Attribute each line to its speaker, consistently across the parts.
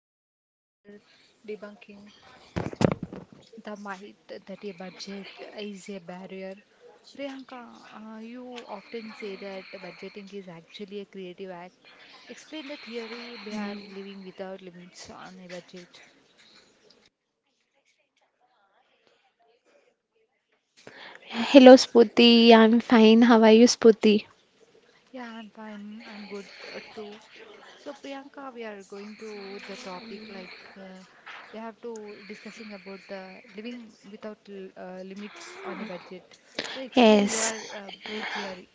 Speaker 1: Today we are debunking the myth that a budget is a barrier. Priyanka, you often say that budgeting is actually a creative act. Explain the theory behind living without limits on a budget.
Speaker 2: Hello, Spooty. I'm fine. How are you, Spooty?
Speaker 1: Yeah, I'm fine. I'm good too. So Priyanka, we are going to the topic like uh, we have to discussing about the living without limits on a budget. So explain your
Speaker 2: Yes,
Speaker 1: theory.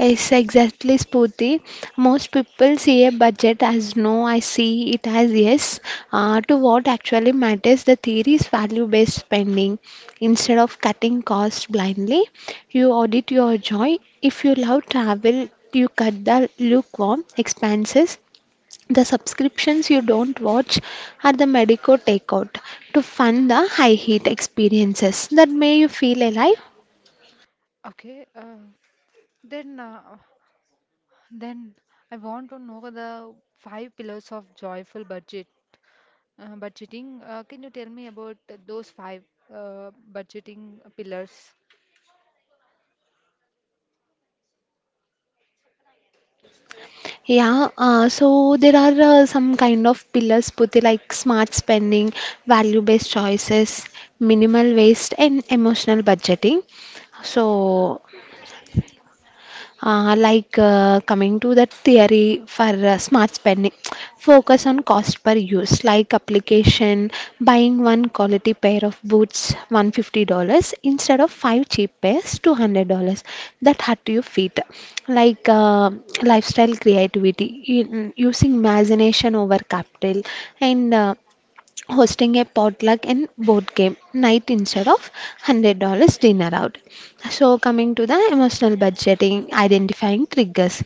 Speaker 2: yes, exactly, Spooty. Most people see a budget as no, I see it as yes. To what actually matters, the theory is value based spending. Instead of cutting costs blindly, you audit your joy. If you love travel, you cut the lukewarm expenses. The subscriptions you don't watch are the Medico takeout to fund the high heat experiences that make you feel alive.
Speaker 1: Okay. Then uh, then I want to know the five pillars of joyful budgeting. Can you tell me about those five budgeting pillars?
Speaker 2: Yeah, so there are some kind of pillars put like smart spending, value-based choices, minimal waste, and emotional budgeting. So like coming to that theory for smart spending focus on cost per use like application buying one quality pair of boots $150 instead of five cheap pairs $200 that hurt your feet like lifestyle creativity using imagination over capital and hosting a potluck and board game night instead of $100 dinner out. So, coming to the emotional budgeting, identifying triggers,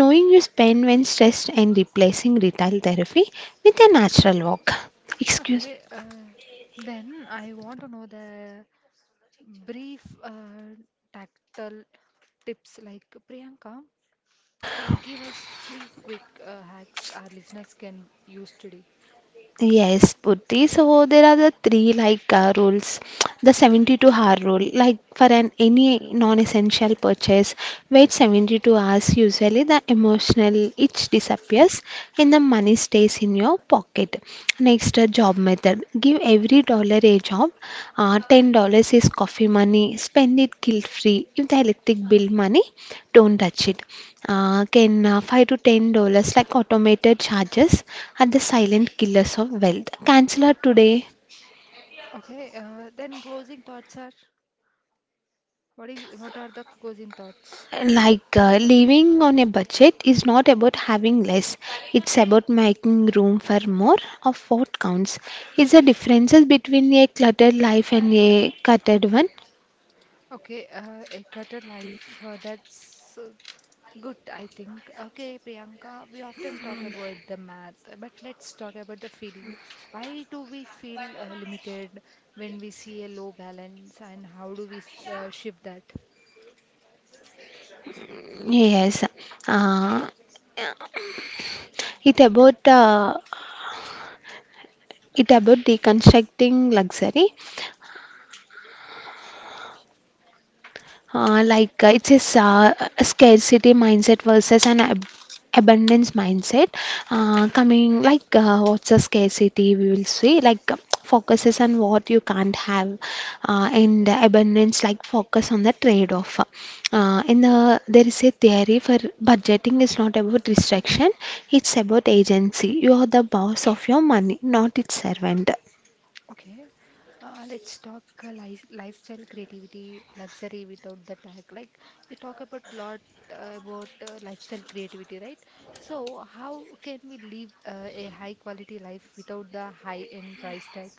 Speaker 2: knowing you spend when stressed, and replacing retail therapy with a natural walk. Excuse.
Speaker 1: Okay, then I want to know the brief tactile tips like Priyanka, give us three quick hacks our listeners can use today.
Speaker 2: Yes, Purti. So there are the three like rules. The 72-hour rule, like for an any non-essential purchase, wait 72 hours. Usually the emotional itch disappears and the money stays in your pocket. Next, uh, job method. Give every dollar a job. $10 is coffee money. Spend it guilt free. If the electric bill money, don't touch it. Can 5 to $10 like automated charges are the silent killers of wealth. Cancel her today.
Speaker 1: Okay, then closing thoughts are what is what are the closing thoughts?
Speaker 2: Like living on a budget is not about having less, it's about making room for more of what counts. Is the differences between a cluttered life and a cluttered one?
Speaker 1: Okay, a cutter life, that's good, I think. Okay, Priyanka, we often talk about the math, but let's talk about the feeling. Why do we feel limited when we see a low balance, and how do we shift that?
Speaker 2: Yes. Uh, It about uh, it about deconstructing luxury, like it is a scarcity mindset versus an abundance mindset. Coming like what's a scarcity, we will see like focuses on what you can't have, and abundance like focus on the trade-off. In the there is a theory for budgeting is not about restriction, it's about agency. You are the boss of your money, not its servant.
Speaker 1: Okay, let's talk lifestyle creativity, luxury without the tag. Like you talk about lot about lifestyle creativity, right? So how can we live a high quality life without the high end price tag?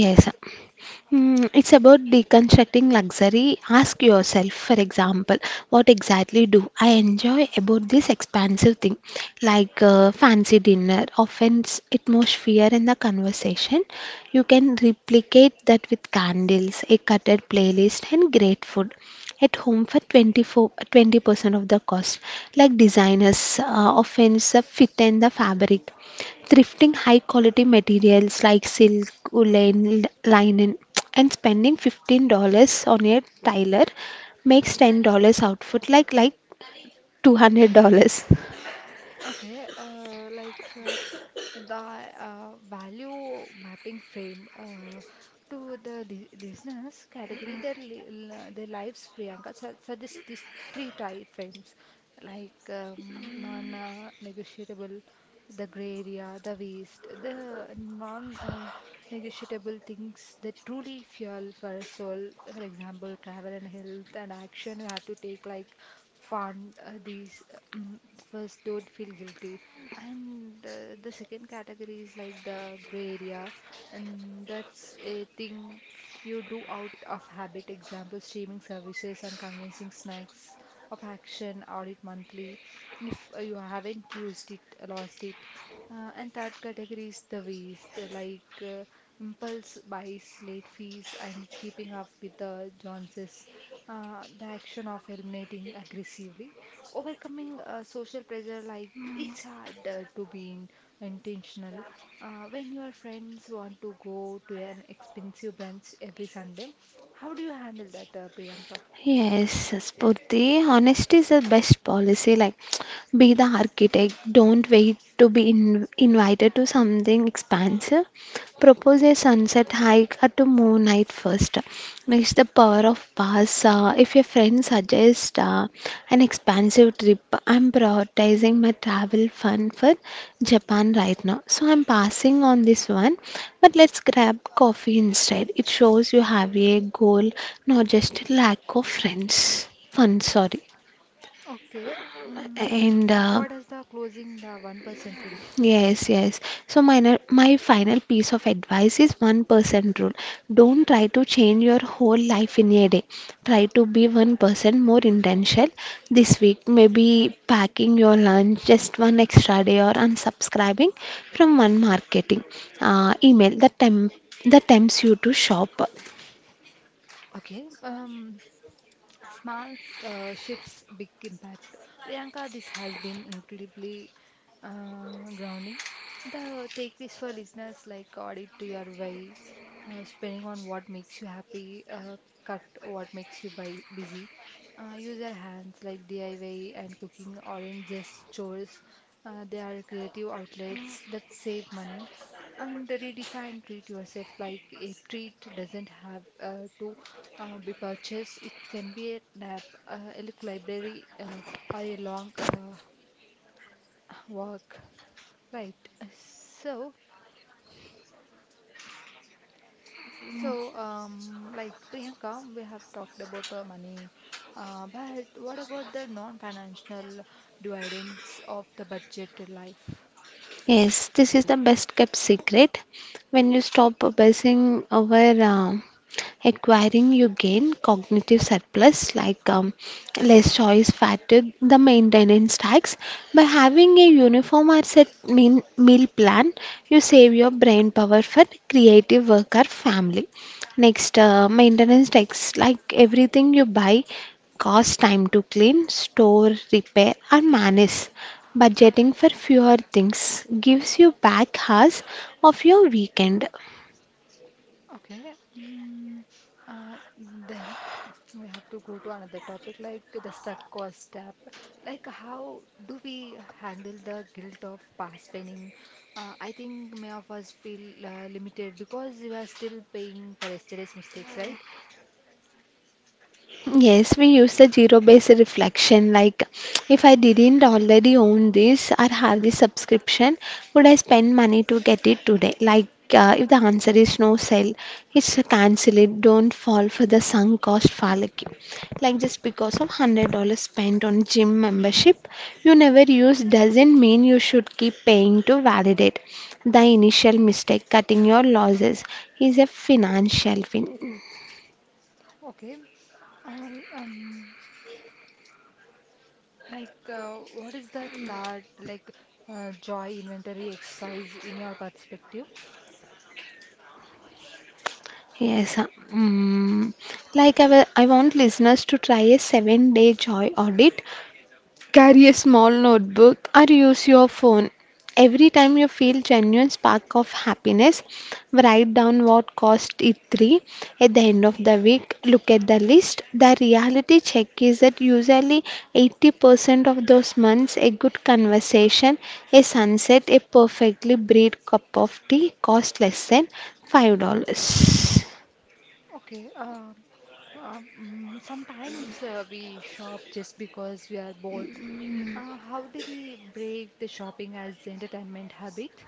Speaker 2: Yes. Mm, it's about deconstructing luxury. Ask yourself, for example, what exactly do I enjoy about this expansive thing, like fancy dinner? Often it's atmosphere in the conversation. You can replicate that with candles, a cluttered playlist, and great food at home for 24, 20% of the cost. Like designers often the fit and the fabric thrifting high quality materials like silk, woolen, linen, and spending $15 on a tailor makes $10 outfit like $200.
Speaker 1: Okay, like the value mapping frame to the li listeners category, their lives, Priyanka su suggests these three type frames, like non-negotiable, the gray area, the waste, the non negotiable things that truly fuel for a soul. For example, travel and health and action you have to take, like fund these. First, don't feel guilty. And the second category is like the gray area, and that's a thing you do out of habit. Example, streaming services and convincing snacks of action, audit monthly if you haven't used it, lost it. And third category is the waste, impulse buys, late fees, and keeping up with the Joneses. The action of eliminating aggressively, overcoming social pressure, like it's hard to be intentional. When your friends want to go to an expensive brunch every Sunday, how do you handle that, Priyanka?
Speaker 2: Yes, Spurti, honesty is the best policy. Like, be the architect. Don't wait to be in, invited to something expansive. Propose a sunset hike at a moon night first. Next, the power of pass. If your friend suggests an expensive trip, I'm prioritizing my travel fund for Japan right now. So I'm passing on this one, but let's grab coffee instead. It shows you have a goal, not just a lack of friends. Fun, sorry.
Speaker 1: Okay.
Speaker 2: And
Speaker 1: What is the closing the 1% rule?
Speaker 2: Yes, yes. So my final piece of advice is 1% rule. Don't try to change your whole life in a day. Try to be 1% more intentional this week. Maybe packing your lunch just one extra day or unsubscribing from one marketing uh, email that tempts you to shop.
Speaker 1: Okay. Small shifts, big impact. Priyanka, this has been incredibly grounding. The takeaways for listeners like audit your way, spending on what makes you happy, cut what makes you buy busy, use your hands like DIY and cooking aren't just chores. They are creative outlets that save money and redefine treat yourself like a treat doesn't have to be purchased. It can be a nap, a little library, or a long walk. Right. Uh, So, so, like Priyanka, we have talked about money, but what about the non-financial dividends of the budget life?
Speaker 2: Yes, this is the best kept secret. When you stop obsessing over uh, acquiring, you gain cognitive surplus like less choice fatigue, the maintenance tax. By having a uniform or meal plan, you save your brain power for creative work or family. Next, maintenance tax like everything you buy cost, time to clean, store, repair, or manage. Budgeting for fewer things gives you back hours of your weekend.
Speaker 1: Okay. Then we have to go to another topic like the stuck cost step. Like how do we handle the guilt of past spending? I think many of us feel limited because we are still paying for yesterday's mistakes, right?
Speaker 2: Yes, we use the zero based reflection. Like, if I didn't already own this or have this subscription, would I spend money to get it today? Like, if the answer is no, sell. It's a cancel it. Don't fall for the sunk cost fallacy. Like, just because of $100 spent on gym membership you never use doesn't mean you should keep paying to validate. The initial mistake, cutting your losses, is a financial win.
Speaker 1: Okay. Uh, um, what is the third, like joy inventory exercise in your perspective?
Speaker 2: Yes, mm, I want listeners to try a 7 day joy audit. Carry a small notebook or use your phone. Every time you feel genuine spark of happiness, write down what cost it three. At the end of the week, look at the list. The reality check is that usually 80% of those months, a good conversation, a sunset, a perfectly brewed cup of tea cost less than $5.
Speaker 1: Okay. Sometimes we shop just because we are bored. How do we break the shopping as entertainment habit?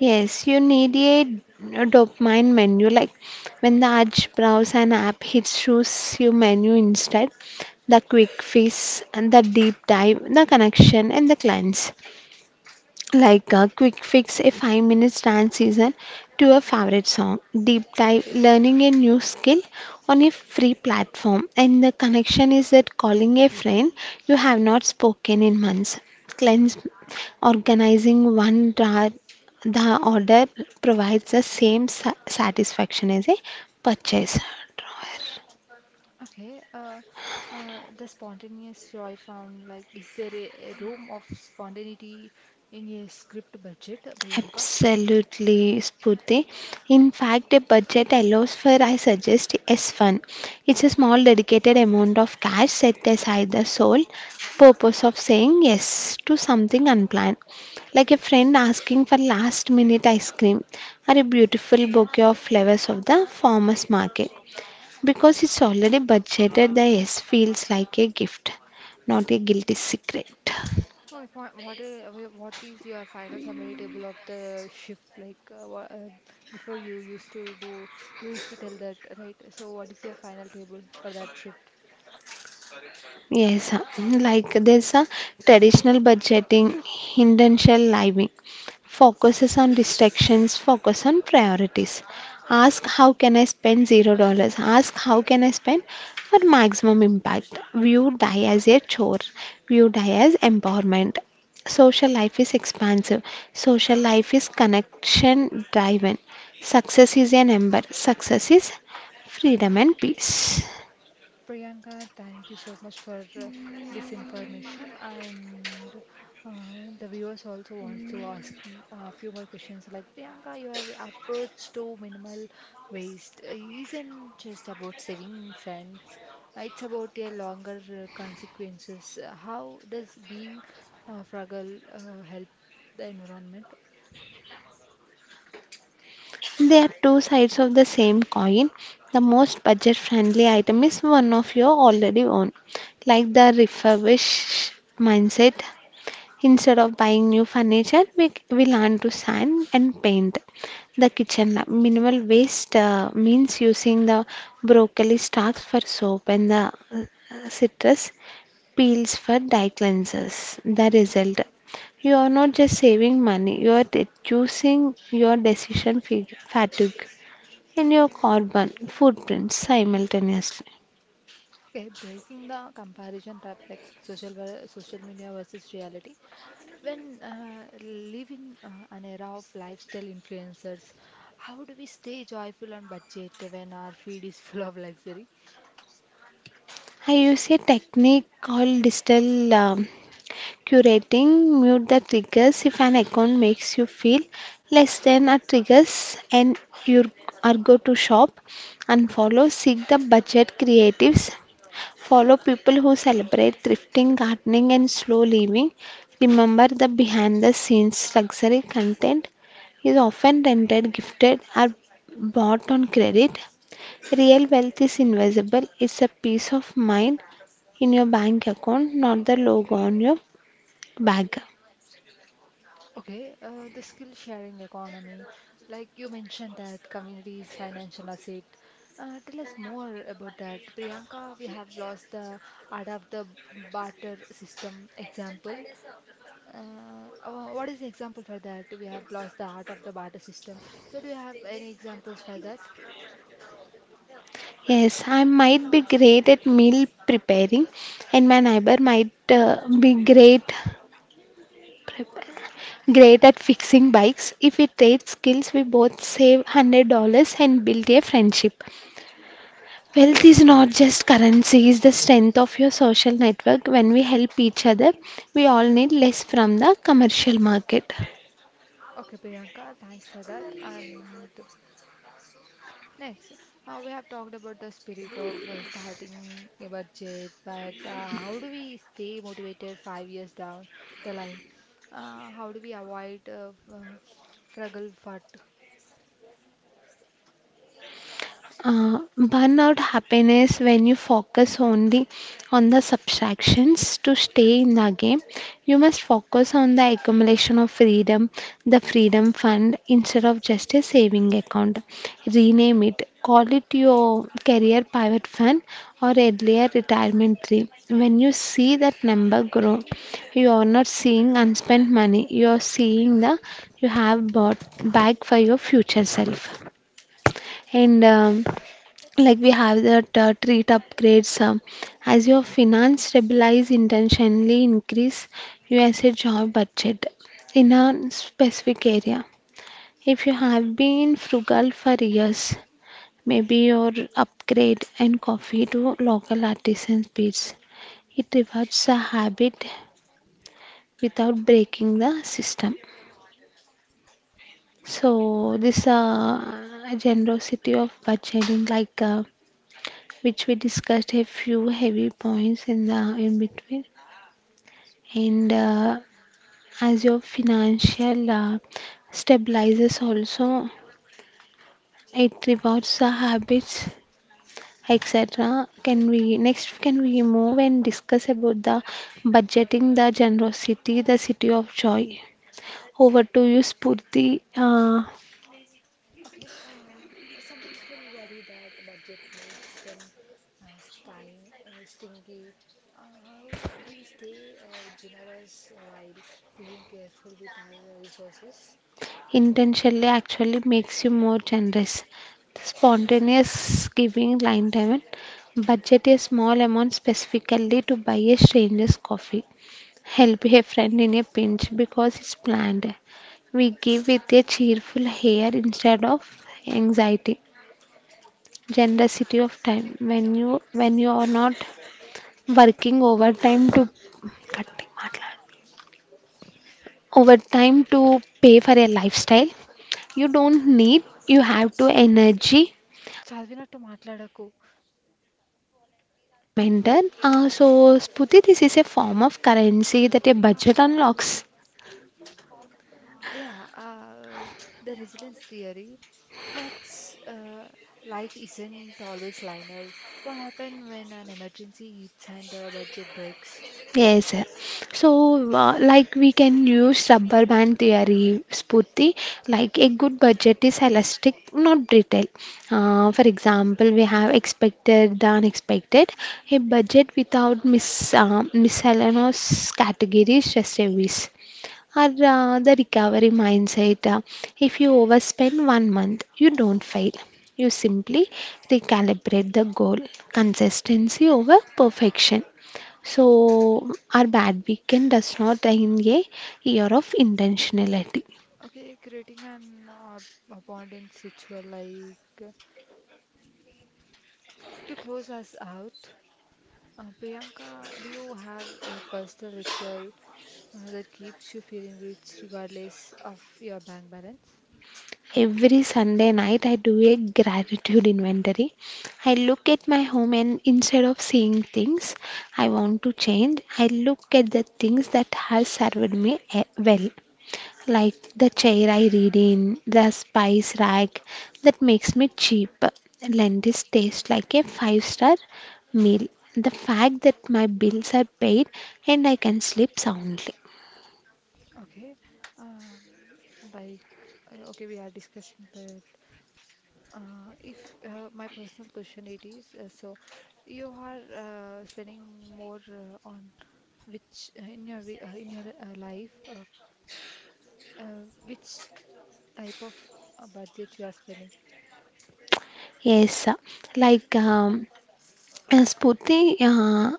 Speaker 2: Yes, you need a dopamine menu. Like when the urge browse an app hits, choose your menu instead. The quick fix and the deep dive, the connection and the clients like a quick fix, a 5-minute dance season to a favorite song, deep dive, learning a new skill on a free platform. And the connection is that calling a friend you have not spoken in months, cleanse, organizing the order provides the same satisfaction as a purchase.
Speaker 1: Okay, the spontaneous joy found like is there a room of spontaneity in a script budget, Priyanka?
Speaker 2: Absolutely, Spurti. In fact, a budget allows for, I suggest, s fund. It's a small dedicated amount of cash set aside the sole purpose of saying yes to something unplanned, like a friend asking for last minute ice cream or a beautiful bouquet of flowers of the farmer's market. Because it's already budgeted, the yes feels like a gift, not a guilty secret.
Speaker 1: Okay, what is your final summary table of the shift like before you used to do you used to tell that right? So what is your final table for that shift?
Speaker 2: Yes, like there's a traditional budgeting, intentional living, focuses on distractions, focus on priorities. Ask how can I spend $0? Ask how can I spend for maximum impact? View die as a chore, view die as empowerment. Social life is expansive, social life is connection driven. Success is a number, success is freedom and peace.
Speaker 1: Priyanka, thank you so much for this information. And the viewers also want to ask you a few more questions. Like Priyanka, your approach to minimal waste isn't just about saving cents; it's about a longer consequences. How does being frugal help the environment?
Speaker 2: They are two sides of the same coin. The most budget friendly item is one of your already own, like the refurbish mindset. Instead of buying new furniture, we learn to sand and paint the kitchen lab. Minimal waste means using the broccoli stalks for soap and the citrus peels for dye cleansers. The result you are not just saving money, you are reducing your decision fatigue and your carbon footprint simultaneously.
Speaker 1: Okay, breaking the comparison type like social media versus reality. When live in an era of lifestyle influencers, how do we stay joyful on budget when our feed is full of luxury?
Speaker 2: I use a technique called digital curating. Mute the triggers if an account makes you feel less than a triggers and you are go to shop. Unfollow. Seek the budget creatives. Follow people who celebrate thrifting, gardening, and slow living. Remember the behind the scenes luxury content is often rented, gifted, or bought on credit. Real wealth is invisible, it's a peace of mind in your bank account, not the logo on your bag.
Speaker 1: Okay, the skill sharing economy, like you mentioned that community is financial asset. Tell us more about that. Priyanka, we have lost the art of the barter system example. What is the example for that? We have lost the art of the barter system. So, do you have any examples for that?
Speaker 2: Yes, I might be great at meal preparing, and my neighbor might be great prepare. Great at fixing bikes. If we trade skills, we both save $100 and build a friendship.
Speaker 1: Okay.
Speaker 2: Wealth is not just currency, it's the strength of your social network. When we help each other, we all need less from the commercial market.
Speaker 1: Okay, Priyanka, thanks for that. And next, we have talked about the spirit of starting a budget, but how do we stay motivated 5 years down the line? How do we avoid frugal fat?
Speaker 2: Burn out happiness when you focus only on the subtractions to stay in the game. You must focus on the accumulation of freedom, the freedom fund instead of just a saving account. Rename it, call it your career pivot fund or earlier retirement tree. When you see that number grow, you are not seeing unspent money, you are seeing the you have bought back for your future self. And like we have that treat upgrades as your finance stabilize intentionally increase usa job budget in a specific area if you have been frugal for years maybe your upgrade and coffee to local artisan beats it rewards a habit without breaking the system. So this generosity of budgeting like which we discussed a few heavy points in the in between, and as your financial stabilizes also it rewards the habits, etc. Can we next, can we move and discuss about the budgeting, the generosity, the city of joy? Over to you, Spurti. uh,
Speaker 1: Okay, some people worry that budget makes them stingy. How do we stay generous while being careful with our resources?
Speaker 2: intentionally actually makes you more generous. Spontaneous giving line 7 budget a small amount specifically to buy a stranger's coffee. Help a friend in a pinch because it's planned. We give with a cheerful air instead of anxiety. Generosity of time when you are not working overtime to కట్టి మాట్లాడు. Over time to pay for a lifestyle you don't need you have to energy
Speaker 1: Challenging a tomato,
Speaker 2: mentor so Sputi this is a form of currency that a budget unlocks.
Speaker 1: yeah. The resilience theory. Let's life isn't always linear. What happens when an emergency hits and the budget breaks?
Speaker 2: Yes sir. So like we can use rubber band theory Sputi like a good budget is elastic not brittle. For example we have expected the unexpected, a budget without miscellaneous categories just a wish, or the recovery mindset. If you overspend one month, you don't fail. You simply recalibrate the goal, consistency over perfection. So, our bad weekend does not end a year of intentionality.
Speaker 1: Okay, creating an abundant ritual like to close us out. Priyanka, do you have a personal ritual that keeps you feeling rich regardless of your bank balance?
Speaker 2: Every Sunday night, I do a gratitude inventory. I look at my home, and instead of seeing things I want to change, I look at the things that have served me well. Like the chair I read in, the spice rack that makes me cheap. Lendis tastes like a five-star meal. The fact that my bills are paid and I can sleep soundly.
Speaker 1: Okay, um, like okay, we are discussing that. If my personal question it is, so you are spending more on which in your life, which type of budget you are spending?
Speaker 2: Yes, like um, uh, uh,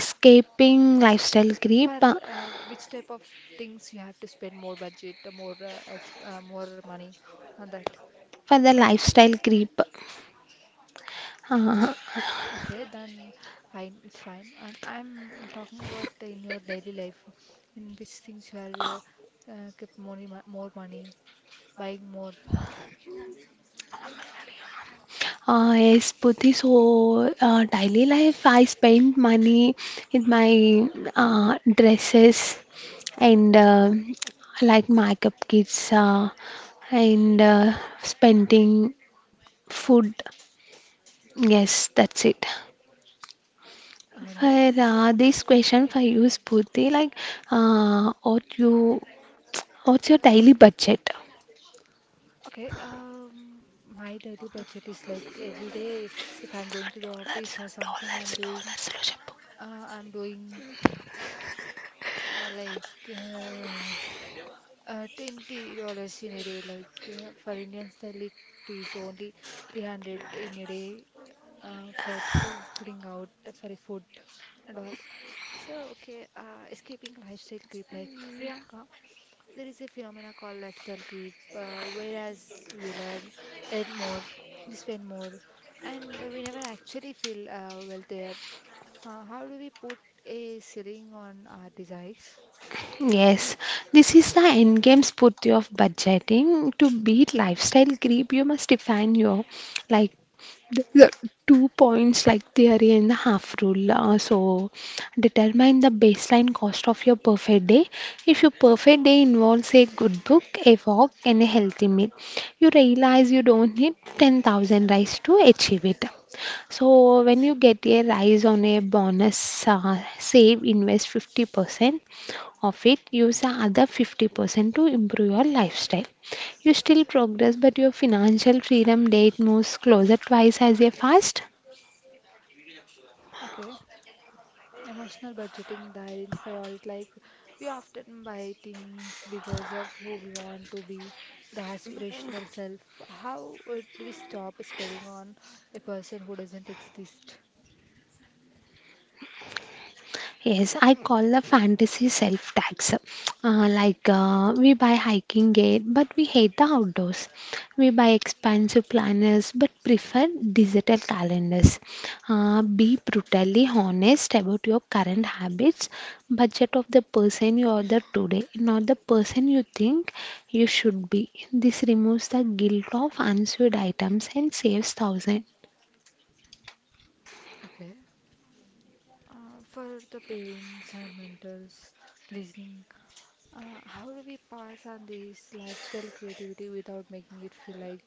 Speaker 2: escaping lifestyle creep,
Speaker 1: For which type of things you have to spend more budget, more money on that?
Speaker 2: for the lifestyle creep. Uh,
Speaker 1: Okay, then fine, it's fine. And I'm talking about in your daily life, in which things you are kept more, more money, buying more.
Speaker 2: Yes, Puti. So, daily life, I spend money in my dresses, and like makeup kits, and spending food. Yes, that's it.
Speaker 1: Okay, then.
Speaker 2: For this question for you, Puti, like uh, what you, what's your daily budget?
Speaker 1: Okay, my daily budget is like every day if I'm going to the office
Speaker 2: Dollars,
Speaker 1: or something
Speaker 2: dollars,
Speaker 1: I'm doing,
Speaker 2: dollars, Roshapu.
Speaker 1: I'm doing uh, like uh, $20 in a day. Like for Indian style, it is only 300 in a day for putting out for a food and all. So, okay, escaping lifestyle creep. Like Priyanka, there is a phenomena called lifestyle creep, whereas we learn, earn more, we spend more, and we never actually feel well there. How do we put a ceiling on our desires?
Speaker 2: Yes, this is the end game, spurti, of budgeting. To beat lifestyle creep, you must define your, like, the two points, like, theory and the half rule. So determine the baseline cost of your perfect day. If your perfect day involves a good book, a walk, and a healthy meal, you realize you don't need 10,000 rice to achieve it. So when you get a rise on a bonus, save, invest 50% of it, use the other 50% to improve your lifestyle. You still progress, but your financial freedom date moves closer twice as a fast.
Speaker 1: Okay. Emotional budgeting, they identify all it like we often buy things because of who we want to be, the aspirational self. How would we stop spending on a person who doesn't exist?
Speaker 2: Yes, I call the fantasy self tax. We buy hiking gear, but we hate the outdoors. We buy expensive planners, but prefer digital calendars. Be brutally honest about your current habits, budget of the person you are the today, not the person you think you should be. This removes the guilt of unsold items and saves thousands.
Speaker 1: Okay. For the parents and mentors listening, how do we pass on this lifestyle creativity without making it feel like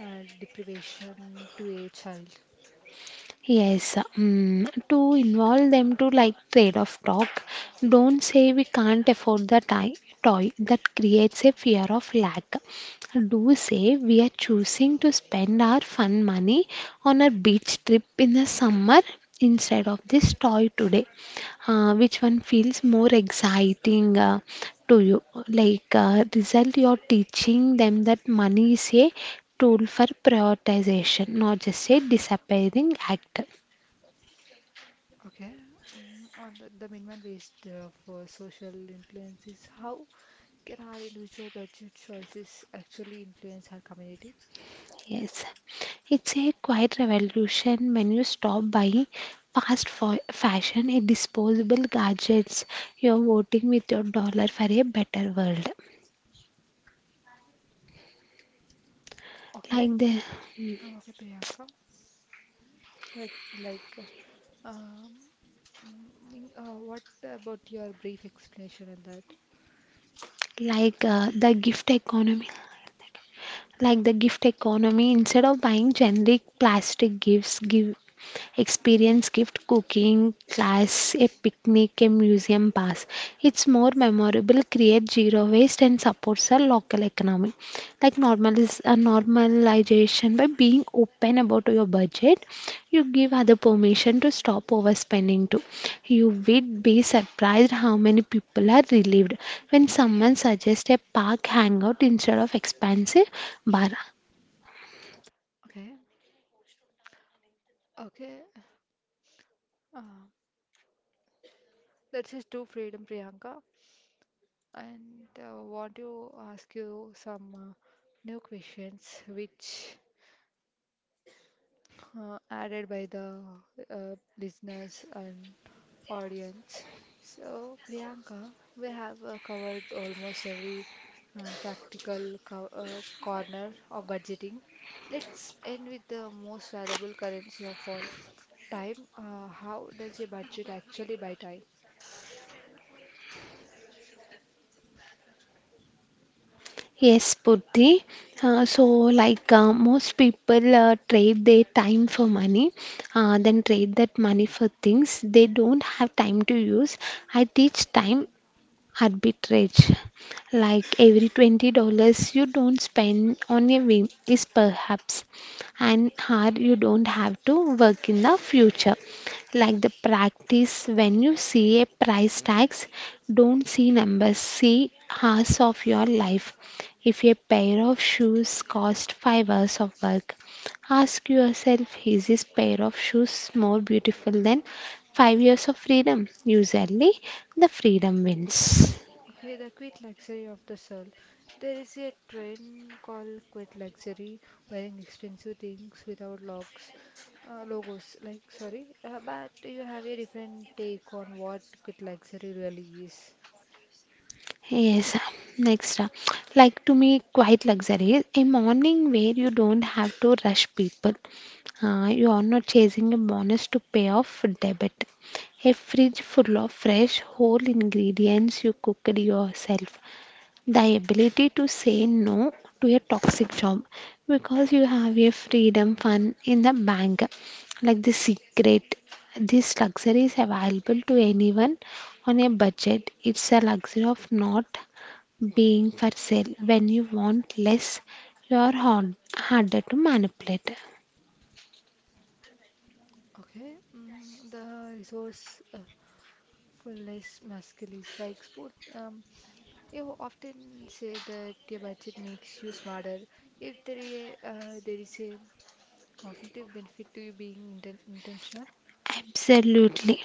Speaker 1: deprivation to a child?
Speaker 2: Yes, to involve them to, like, trade off talk. Don't say we can't afford the toy, that creates a fear of lack. Do say we are choosing to spend our fun money on a beach trip in the summer instead of this toy today. Which one feels more exciting to you? Like, result, you're teaching them that money is a tool for prioritization, not just a disappearing act.
Speaker 1: Okay, mm, on the minimal waste for social influence is how can our individual budget choices actually influence our community?
Speaker 2: Yes. It's a quiet revolution when you stop buying fashion and disposable gadgets. You're voting with your dollar for a better world.
Speaker 1: Okay,
Speaker 2: Like the,
Speaker 1: okay, Priyanka, but like, uh, um, what about your brief explanation on that?
Speaker 2: the gift economy, instead of buying generic plastic gifts give experience gift cooking class, a picnic, a museum pass. It's more memorable, create zero waste, and supports our local economy. Like normalization, by being open about your budget, you give other permission to stop overspending too. You would be surprised how many people are relieved when someone suggests a park hangout instead of expensive bar.
Speaker 1: Okay, okay, uh, that's just true freedom, Priyanka, and want to ask you some new questions which added by the listeners and audience. So, Priyanka, we have covered almost every practical corner of budgeting. Let's end with the most valuable currency of all time. How does a budget actually buy time?
Speaker 2: Yes, Purti. Uh, so, most people trade their time for money, then trade that money for things they don't have time to use. I teach time arbitrage, like every $20 you don't spend on a whim is perhaps an hour you don't have to work in the future. Like the practice, when you see a price tags, don't see numbers, see hours of your life. If a pair of shoes cost 5 hours of work, ask yourself, is this pair of shoes more beautiful than 5 years of freedom? Usually the freedom wins.
Speaker 1: Okay, the quit luxury of the soul. There is a trend called quit luxury, wearing expensive things without logos. Like, sorry, but you have a different take on what quit luxury really is.
Speaker 2: Yes, next, like to me, quite luxury. A morning where you don't have to rush people. You are not chasing a bonus to pay off debt. A fridge full of fresh, whole ingredients you cooked yourself, the ability to say no to a toxic job because you have a freedom fund in the bank. Like the secret, this luxury is available to anyone on a budget. It's a luxury of not being for sale. When you want less, you are harder to manipulate.
Speaker 1: Okay, mm, the resource fullness masculine is like sport. You often say that your budget makes you smarter. If there is a cognitive benefit to you being intentional.
Speaker 2: Absolutely.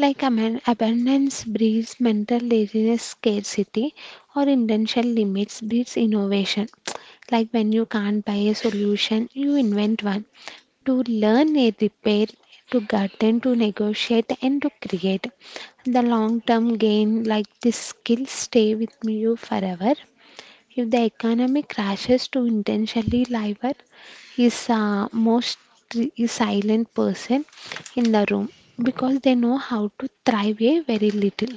Speaker 2: Like a man, abundance breeds mental laziness, scarcity, or intentional limits breeds innovation. Like when you can't buy a solution, you invent one. To learn a repair, to garden, to negotiate, and to create. The long term gain, like this skill, stay with you forever. If the economy crashes, to intentionally liar is most is silent person in the room because they know how to thrive a very little.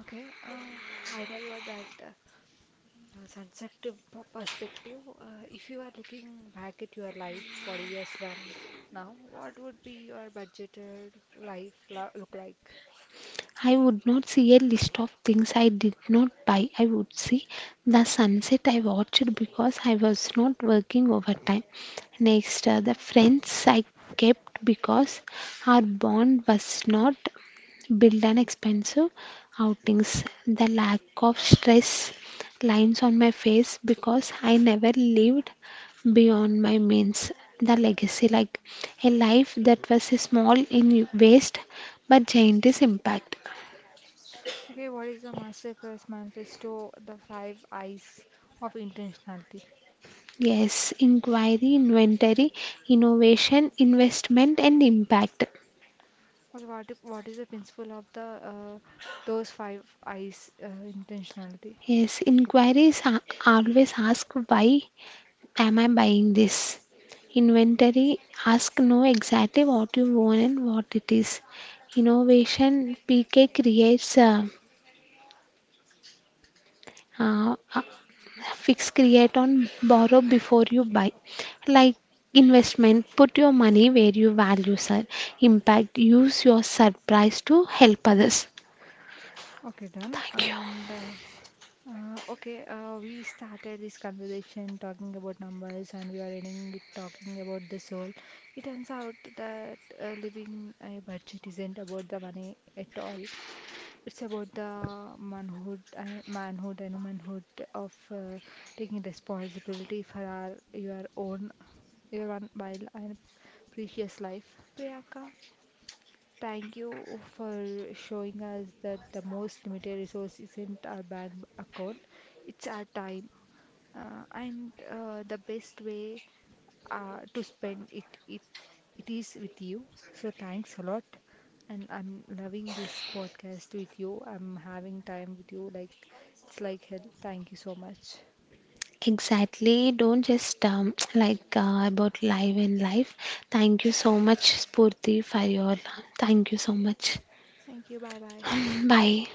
Speaker 1: Okay, final word that sunset to perspective. If you are looking back at your life 40 years from now, what would be your budgeted life lo look like?
Speaker 2: I would not see a list of things I did not buy. I would see the sunset I watched because I was not working overtime. Next, the friends I kept because our bond was not built on expensive outings. The lack of stress lines on my face because I never lived beyond my means. The legacy, like a life that was small in waste but giant is impact.
Speaker 1: Okay, what is the Masterclass Manifesto, the five eyes of intentionality?
Speaker 2: Yes, inquiry, inventory, innovation, investment, and impact.
Speaker 1: Okay, what, what is the principle of the uh, those five eyes intentionality?
Speaker 2: Yes, inquiries always ask, why am I buying this? Inventory, ask, know exactly what you want and what it is. Innovation PK creates, uh, uh, fix, create on borrow before you buy. Like investment, put your money where you value, sir. Impact, use your surprise to help others.
Speaker 1: Okay, done.
Speaker 2: Thank you.
Speaker 1: And okay, we started this conversation talking about numbers, and we are ending it talking about the soul. It turns out that living a budget isn't about the money at all. It's about the manhood, and manhood and womanhood of taking responsibility for our your own, your one wild and precious life. Priyanka. Thank you for showing us that the most limited resource isn't our bank account, it's our time and the best way to spend it, it is with you. So thanks a lot and I'm loving this podcast with you. I'm having time with you like it's like hell. Thank you so much.
Speaker 2: Exactly. Don't just about live and life. Thank you so much, Spurti, for your. Thank you so much.
Speaker 1: Thank you. Bye bye.
Speaker 2: Bye.